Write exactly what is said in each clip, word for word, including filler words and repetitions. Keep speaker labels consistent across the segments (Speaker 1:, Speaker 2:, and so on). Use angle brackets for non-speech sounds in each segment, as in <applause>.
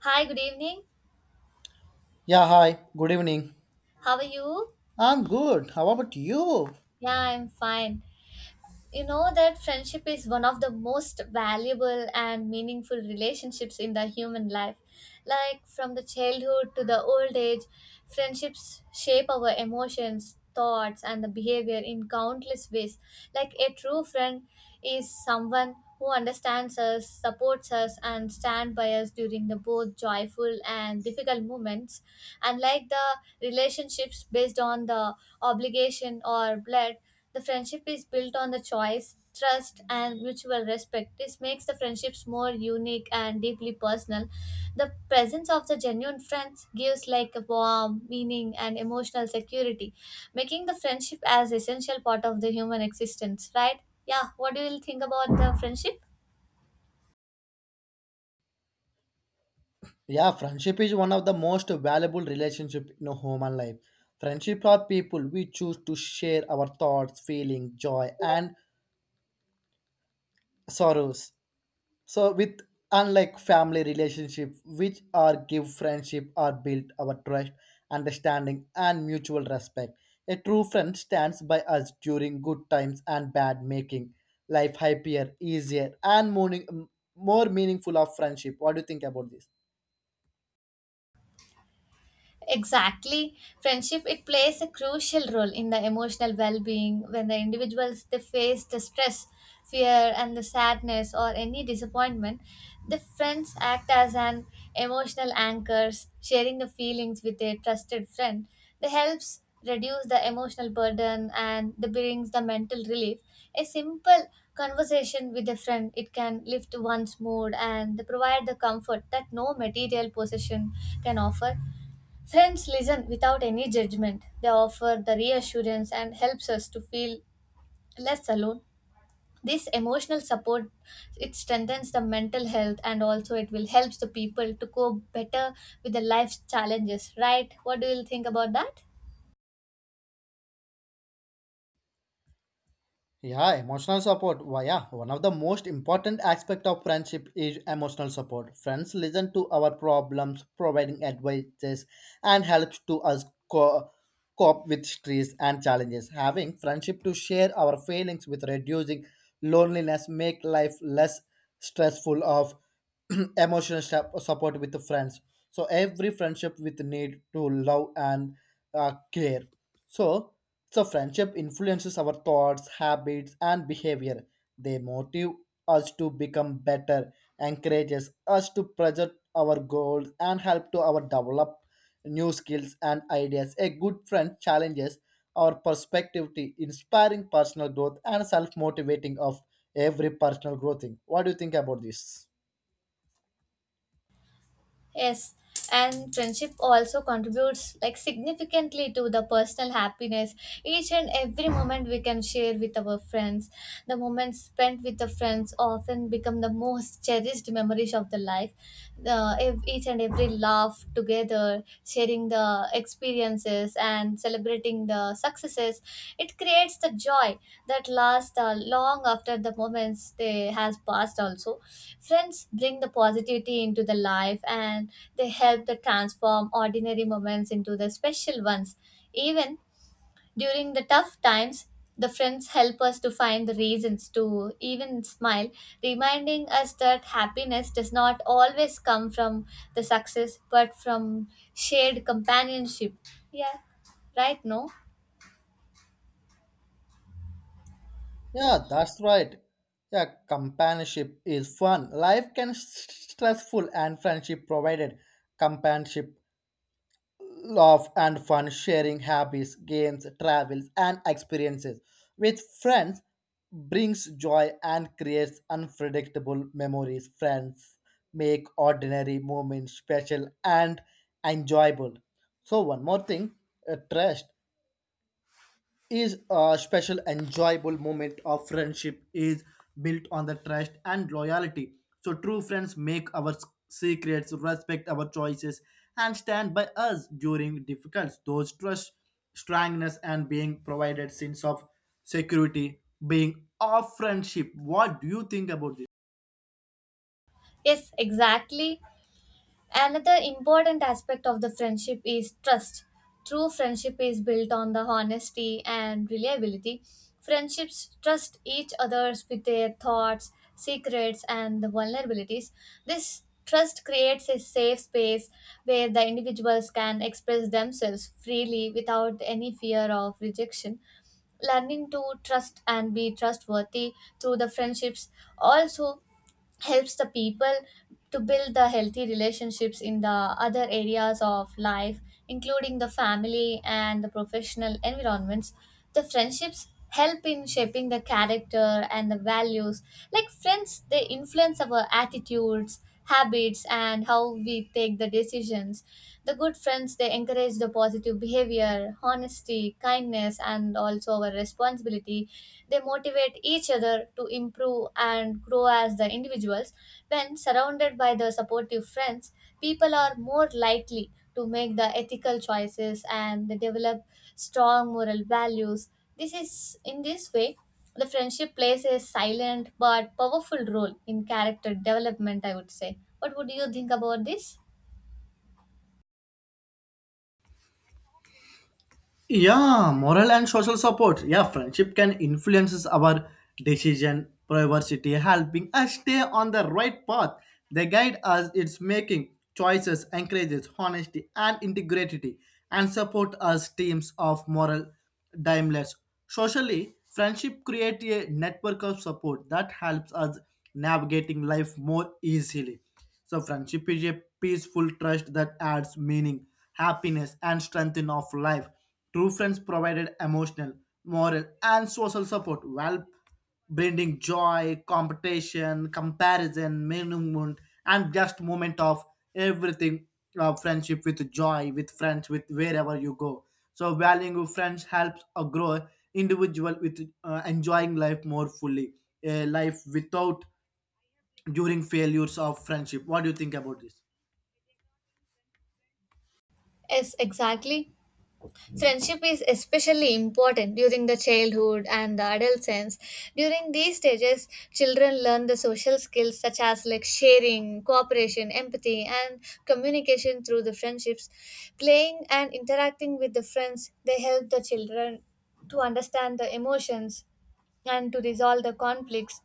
Speaker 1: Hi, good evening.
Speaker 2: Yeah, hi. Good evening.
Speaker 1: How are you?
Speaker 2: I'm good. How about you?
Speaker 1: Yeah, I'm fine. You know that friendship is one of the most valuable and meaningful relationships in the human life. Like from the childhood to the old age, friendships shape our emotions, thoughts, and the behavior in countless ways. Like a true friend is someone who understands us, supports us, and stand by us during the both joyful and difficult moments. Unlike the relationships based on the obligation or blood, the friendship is built on the choice, trust, and mutual respect. This makes the friendships more unique and deeply personal. The presence of the genuine friends gives like a warm meaning and emotional security, making the friendship as essential part of the human existence, right? Yeah, what do you think about the friendship?
Speaker 2: Yeah, friendship is one of the most valuable relationship in a human life. Friendship are people we choose to share our thoughts, feelings, joy, and sorrows. So with Unlike family relationship which are give, friendship are built our trust, understanding, and mutual respect. A true friend stands by us during good times and bad, making life happier, easier, and more, more meaningful of friendship. What do you think about this?
Speaker 1: Exactly. Friendship it plays a crucial role in the emotional well-being. When the individuals they face the stress, fear and the sadness or any disappointment, the friends act as an emotional anchors, sharing the feelings with a trusted friend. They helps reduce the emotional burden and they brings the mental relief. A simple conversation with a friend it can lift one's mood and they provide the comfort that no material possession can offer. Friends listen without any judgment. They offer the reassurance and helps us to feel less alone. This emotional support it strengthens the mental health and also it will helps the people to cope better with the life's challenges, right? What do you think about that?
Speaker 2: Yeah, emotional support. Why, yeah, one of the most important aspect of friendship is emotional support. Friends listen to our problems, providing advices and helps to us co- cope with stress and challenges. Having friendship to share our feelings with reducing loneliness make life less stressful. Of <clears throat> emotional step support with the friends, so every friendship with need to love and uh, care. So so friendship influences our thoughts, habits, and behavior. They motive us to become better, encourages us to project our goals and help to our develop new skills and ideas. A good friend challenges our perspective to inspiring personal growth and self-motivating of every personal growth thing. What do you think about this?
Speaker 1: Yes, and friendship also contributes like significantly to the personal happiness. Each and every moment we can share with our friends, the moments spent with the friends often become the most cherished memories of the life. The ev- each and every laugh together, sharing celebrating the experiences and celebrating the successes, it creates the joy that lasts uh, long after the moments they has passed. Also, friends bring the positivity into the life and they help to transform ordinary moments into the special ones. Even during the tough times, the friends help us to find the reasons to even smile, reminding us that happiness does not always come from the success but from shared companionship. Yeah, right, no?
Speaker 2: Yeah, that's right. Yeah, companionship is fun. Life can s- stressful and friendship provided companionship, love, and fun. Sharing hobbies, games, travels, and experiences with friends brings joy and creates unpredictable memories. Friends make ordinary moments special and enjoyable. So one more thing, uh, trust is a special enjoyable moment of friendship, is built on the trust and loyalty. So true friends make our s- secrets, respect our choices, and stand by us during difficult those trust, strangeness, and being provided sense of security being of friendship. What do you think about this?
Speaker 1: Yes, exactly. Another important aspect of the friendship is trust. True friendship is built on the honesty and reliability. Friendships trust each others with their thoughts, secrets, and the vulnerabilities. This trust creates a safe space where the individuals can express themselves freely without any fear of rejection. Learning to trust and be trustworthy through the friendships also helps the people to build the healthy relationships in the other areas of life, including the family and the professional environments. The friendships help in shaping the character and the values. Like, friends they influence our attitudes, habits, and how we take the decisions. The good friends they encourage the positive behavior, honesty, kindness, and also our responsibility. They motivate each other to improve and grow as the individuals. When surrounded by the supportive friends, people are more likely to make the ethical choices and they develop strong moral values. This is in this way the friendship plays a silent but powerful role in character development, I would say. What would you think about this?
Speaker 2: Yeah, moral and social support. Yeah, friendship can influences our decision, privacy, helping us stay on the right path. They guide us, it's making choices, encourages honesty and integrity, and support us teams of moral dimeless. Socially, friendship create a network of support that helps us navigating life more easily. So friendship is a peaceful trust that adds meaning, happiness, and strength in of life. True friends provided emotional, moral, and social support while bringing joy, competition, comparison, measurement, and just moment of everything. Uh, friendship with joy, with friends, with wherever you go. So valuing friends helps a grow individual with uh, enjoying life more fully. A life without during failures of friendship. What do you think about this?
Speaker 1: Yes, exactly. Friendship is especially important during the childhood and the adolescence. During these stages, children learn the social skills such as like sharing, cooperation, empathy, and communication through the friendships. Playing and interacting with the friends, they help the children to understand the emotions and to resolve the conflicts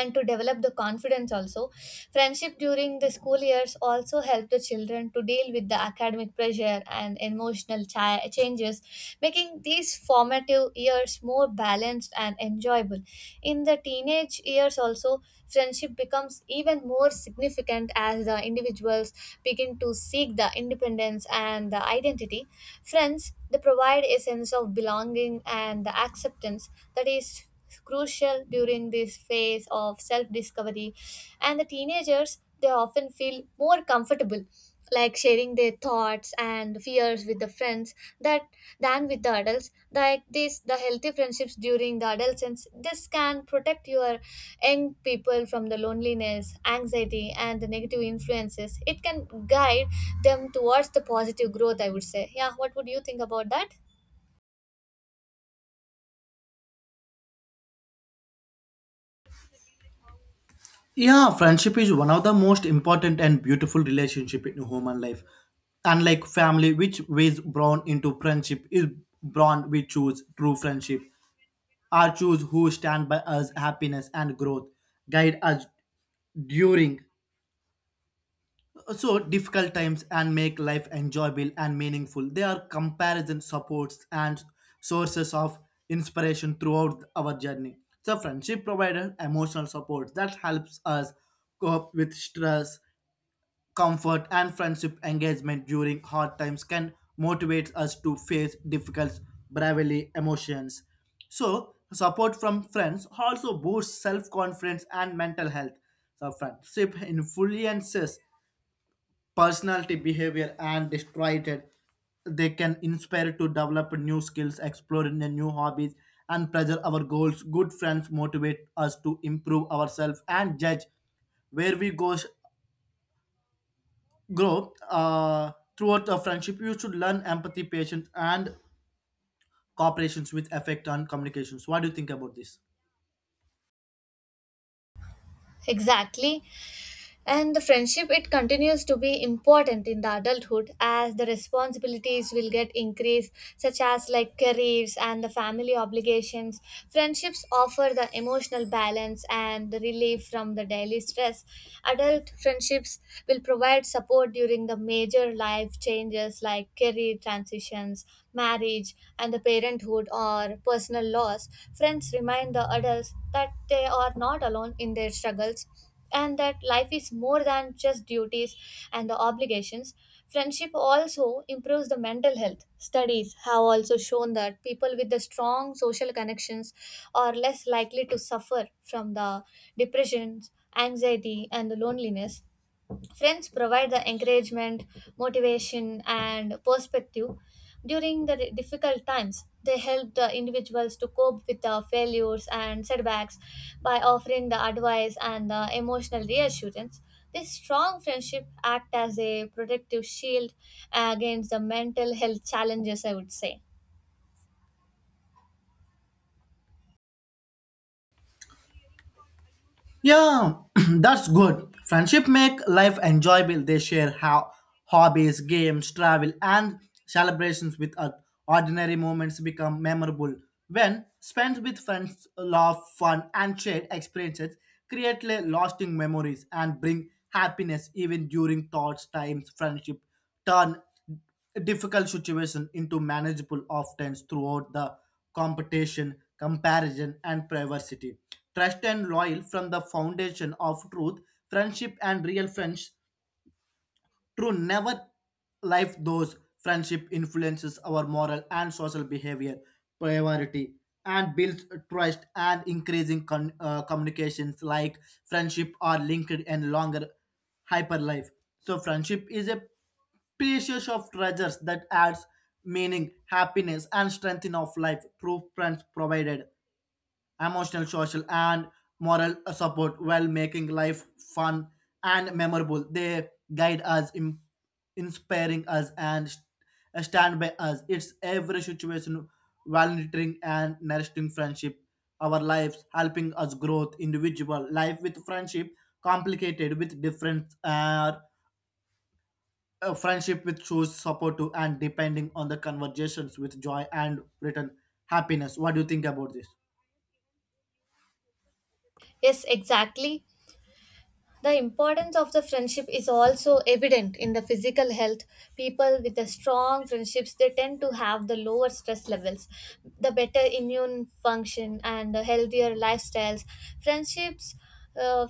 Speaker 1: and to develop the confidence. Also, friendship during the school years also help the children to deal with the academic pressure and emotional chi- changes, making these formative years more balanced and enjoyable. In the teenage years also, friendship becomes even more significant as the individuals begin to seek the independence and the identity. Friends they provide a sense of belonging and the acceptance that is crucial during this phase of self discovery. And the teenagers, they often feel more comfortable like sharing their thoughts and fears with the friends that than with the adults. Like this, the healthy friendships during the adolescence, this can protect your young people from the loneliness, anxiety, and the negative influences. It can guide them towards the positive growth, I would say. Yeah, what would you think about that?
Speaker 2: Yeah, friendship is one of the most important and beautiful relationship in human life. Unlike family, which is born into friendship, is born we choose true friendship. Are choose who stand by us happiness and growth, guide us during so difficult times and make life enjoyable and meaningful. They are comparison supports and sources of inspiration throughout our journey. So friendship provided emotional support that helps us cope with stress, comfort, and friendship engagement during hard times can motivate us to face difficult bravely emotions. So support from friends also boosts self-confidence and mental health. So friendship influences personality, behavior, and destroyed it. They can inspire to develop new skills, explore in the new hobbies, and pressure our goals. Good friends motivate us to improve ourselves and judge where we go, grow uh, throughout. A friendship you should learn empathy, patience, and cooperations with affect and communications. What do you think about this?
Speaker 1: Exactly. And the friendship, it continues to be important in the adulthood as the responsibilities will get increased, such as like careers and the family obligations. Friendships offer the emotional balance and the relief from the daily stress. Adult friendships will provide support during the major life changes like career transitions, marriage, and the parenthood or personal loss. Friends remind the adults that they are not alone in their struggles and that life is more than just duties and the obligations. Friendship also improves the mental health. Studies have also shown that people with the strong social connections are less likely to suffer from the depressions, anxiety, and the loneliness. Friends provide the encouragement, motivation, and perspective during the di- difficult times. They help the individuals to cope with the failures and setbacks by offering the advice and the emotional reassurance. This strong friendship act as a protective shield against the mental health challenges, I would say.
Speaker 2: Yeah, <clears throat> that's good. Friendship make life enjoyable. They share how hobbies, games, travel, and celebrations with us. Ordinary moments become memorable when spent with friends. Love, fun, and shared experiences create la- lasting memories and bring happiness even during thoughts times. Friendship turn difficult situation into manageable oftens throughout the competition, comparison, and privacy. Trust and loyal from the foundation of truth, friendship, and real friends true, never life those friendship influences our moral and social behavior, priority, and builds trust and increasing con- uh, communications like friendship are linked and longer hyper life. So friendship is a precious of treasures that adds meaning, happiness, and strength in of life. Proof friends provided emotional, social, and moral support while making life fun and memorable. They guide us, im- inspiring us, and st- uh, stand by us. It's every situation, volunteering and nourishing friendship, our lives, helping us growth, individual life with friendship, complicated with difference, uh, a friendship with choose support to and depending on the conversations with joy and return happiness. What do you think about this?
Speaker 1: Yes, exactly. The importance of the friendship is also evident in the physical health. People with the strong friendships they tend to have the lower stress levels, the better immune function and the healthier lifestyles. Friendships uh,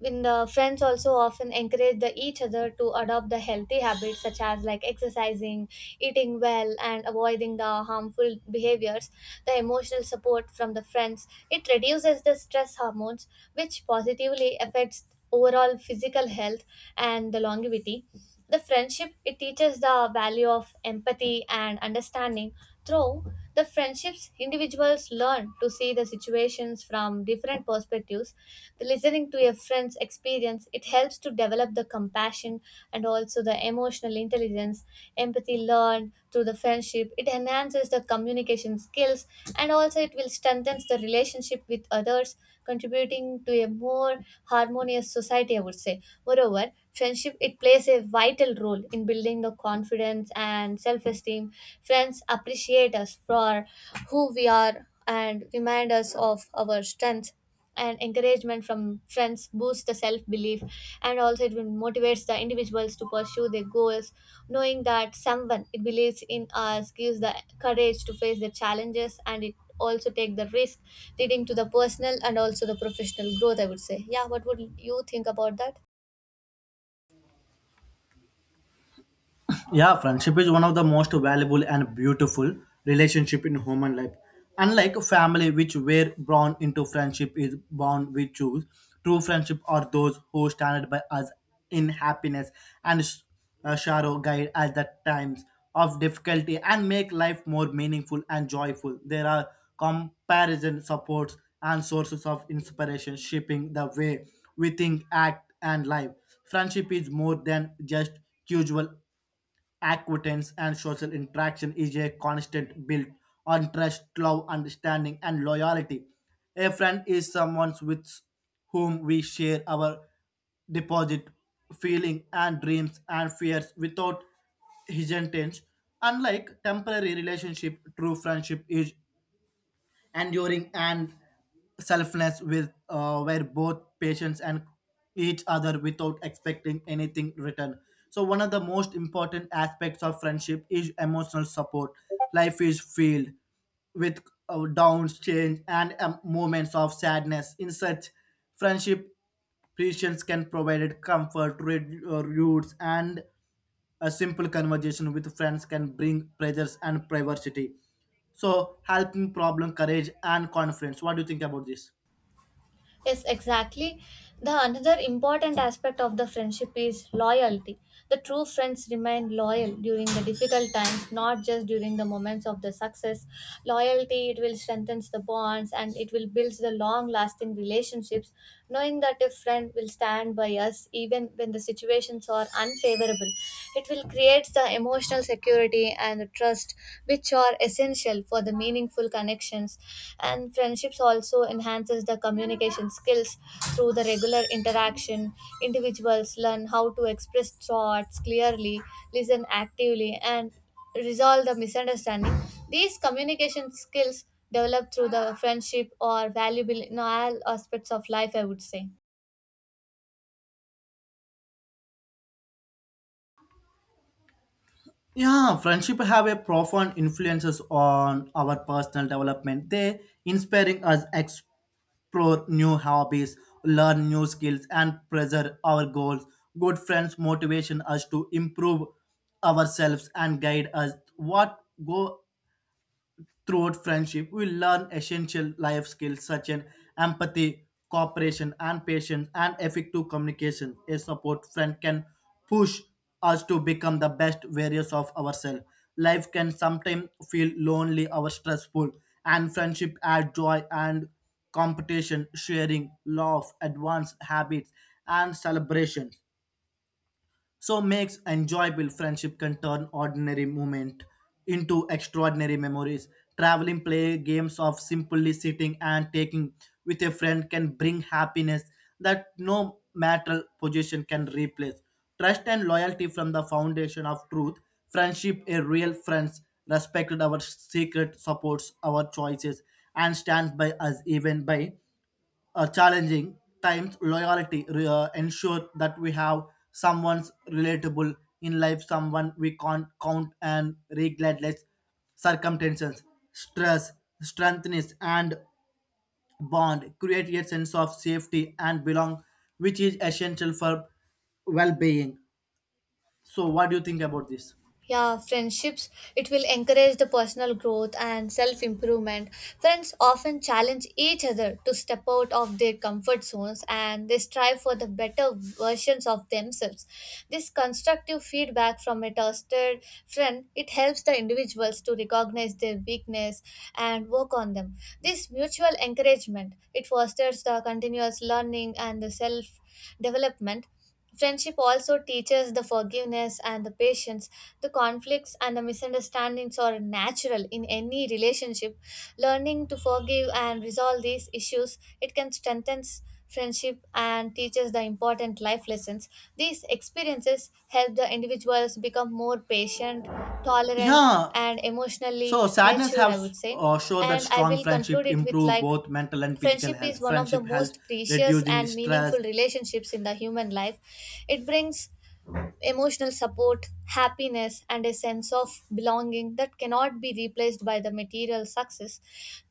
Speaker 1: in the friends also often encourage the each other to adopt the healthy habits such as like exercising, eating well and avoiding the harmful behaviors. The emotional support from the friends it reduces the stress hormones which positively affects overall physical health and the longevity. The friendship it teaches the value of empathy and understanding. Through the friendships, individuals learn to see the situations from different perspectives. The listening to a friend's experience it helps to develop the compassion and also the emotional intelligence. Empathy empathy learned through the friendship, it enhances the communication skills and also it will strengthen the relationship with others, contributing to a more harmonious society, I would say. Moreover, friendship it plays a vital role in building the confidence and self-esteem. Friends appreciate us for who we are and remind us of our strengths, and encouragement from friends boosts the self belief and also it will motivates the individuals to pursue their goals. Knowing that someone it believes in us gives the courage to face the challenges and it also take the risk, leading to the personal and also the professional growth, I would say. Yeah, what would you think about that?
Speaker 2: Yeah, friendship is one of the most valuable and beautiful relationship in human life. Unlike family, which were born into friendship is born we choose. True friendship are those who stand by us in happiness and s- uh, sorrow, guide at the times of difficulty and make life more meaningful and joyful. There are comparison supports and sources of inspiration shaping the way we think, act, and life. Friendship is more than just usual acquaintance and social interaction, is a constant built on trust, love, understanding, and loyalty. A friend is someone with whom we share our deposit, feeling, and dreams and fears without hesitation. Unlike temporary relationship, true friendship is enduring and selfless with uh, where both patients and each other without expecting anything return. So one of the most important aspects of friendship is emotional support. Life is filled with uh, downs, change, and um, moments of sadness. In such friendship, patients can provide comfort, re- uh, roots, and a simple conversation with friends can bring pleasures and privacy. So helping problem, courage, and confidence. What do you think about this?
Speaker 1: Yes, exactly. The another important aspect of the friendship is loyalty. The true friends remain loyal during the difficult times, not just during the moments of the success. Loyalty it will strengthen the bonds and it will build the long lasting relationships. Knowing that a friend will stand by us even when the situations are unfavorable, it will create the emotional security and the trust which are essential for the meaningful connections. And friendships also enhances the communication skills. Through the regular interaction, individuals learn how to express thoughts clearly, listen actively, and resolve the misunderstanding. These communication skills developed through the friendship are valuable in all aspects of life, I would say.
Speaker 2: Yeah, friendship have a profound influences on our personal development. They inspiring us explore new hobbies, learn new skills, and preserve our goals. Good friends motivation us to improve ourselves and guide us what go. Throughout friendship, we learn essential life skills such as empathy, cooperation, and patience, and effective communication. A support friend can push us to become the best various of ourselves. Life can sometimes feel lonely or stressful, and friendship adds joy and competition, sharing, love, advance habits, and celebrations, so makes enjoyable. Friendship can turn ordinary moment into extraordinary memories. Traveling, play games, of simply sitting and taking with a friend can bring happiness that no material possession can replace. Trust and loyalty from the foundation of truth friendship, a real friends respected our secret, supports our choices, and stands by us even by uh, challenging times. Loyalty re- uh, ensure that we have someone's relatable in life, someone we can't count, and regardless circumstances, stress, strengthens and bond create a sense of safety and belong, which is essential for well-being. So, what do you think about this?
Speaker 1: Yeah, friendships, it will encourage the personal growth and self improvement. Friends often challenge each other to step out of their comfort zones and they strive for the better versions of themselves. This constructive feedback from a trusted friend, it helps the individuals to recognize their weakness and work on them. This mutual encouragement, it fosters the continuous learning and the self development. Friendship also teaches the forgiveness and the patience. The conflicts and the misunderstandings are natural in any relationship. Learning to forgive and resolve these issues, it can strengthen friendship and teaches the important life lessons. These experiences help the individuals become more patient, tolerant,
Speaker 2: Yeah.
Speaker 1: and emotionally
Speaker 2: So sadness
Speaker 1: mature, I
Speaker 2: has
Speaker 1: would say.
Speaker 2: uh, showed that
Speaker 1: And I
Speaker 2: strong
Speaker 1: will conclude
Speaker 2: friendship
Speaker 1: it with
Speaker 2: improve
Speaker 1: like,
Speaker 2: both mental and physical
Speaker 1: friendship
Speaker 2: health.
Speaker 1: is one of the
Speaker 2: Friendship helps
Speaker 1: most precious
Speaker 2: reducing
Speaker 1: and
Speaker 2: stress.
Speaker 1: meaningful relationships in the human life. It brings emotional support, happiness, and a sense of belonging that cannot be replaced by the material success.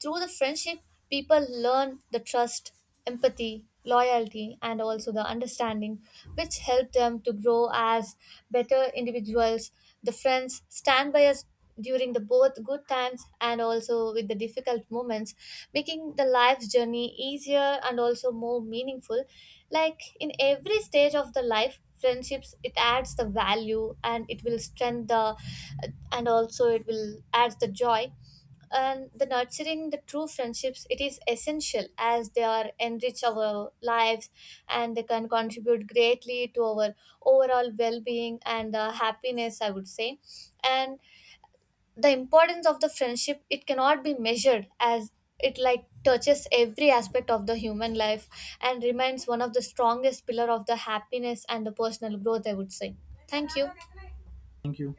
Speaker 1: Through the friendship, people learn the trust, empathy, loyalty, and also the understanding, which help them to grow as better individuals. The friends stand by us during the both good times and also with the difficult moments, making the life's journey easier and also more meaningful. Like, in every stage of the life, friendships it adds the value and it will strengthen the and also it will add the joy. And the nurturing the true friendships it is essential as they are enrich our lives and they can contribute greatly to our overall well-being and uh, happiness, I would say. And the importance of the friendship it cannot be measured as it like touches every aspect of the human life and remains one of the strongest pillar of the happiness and the personal growth, I would say. Thank you.
Speaker 2: Thank you.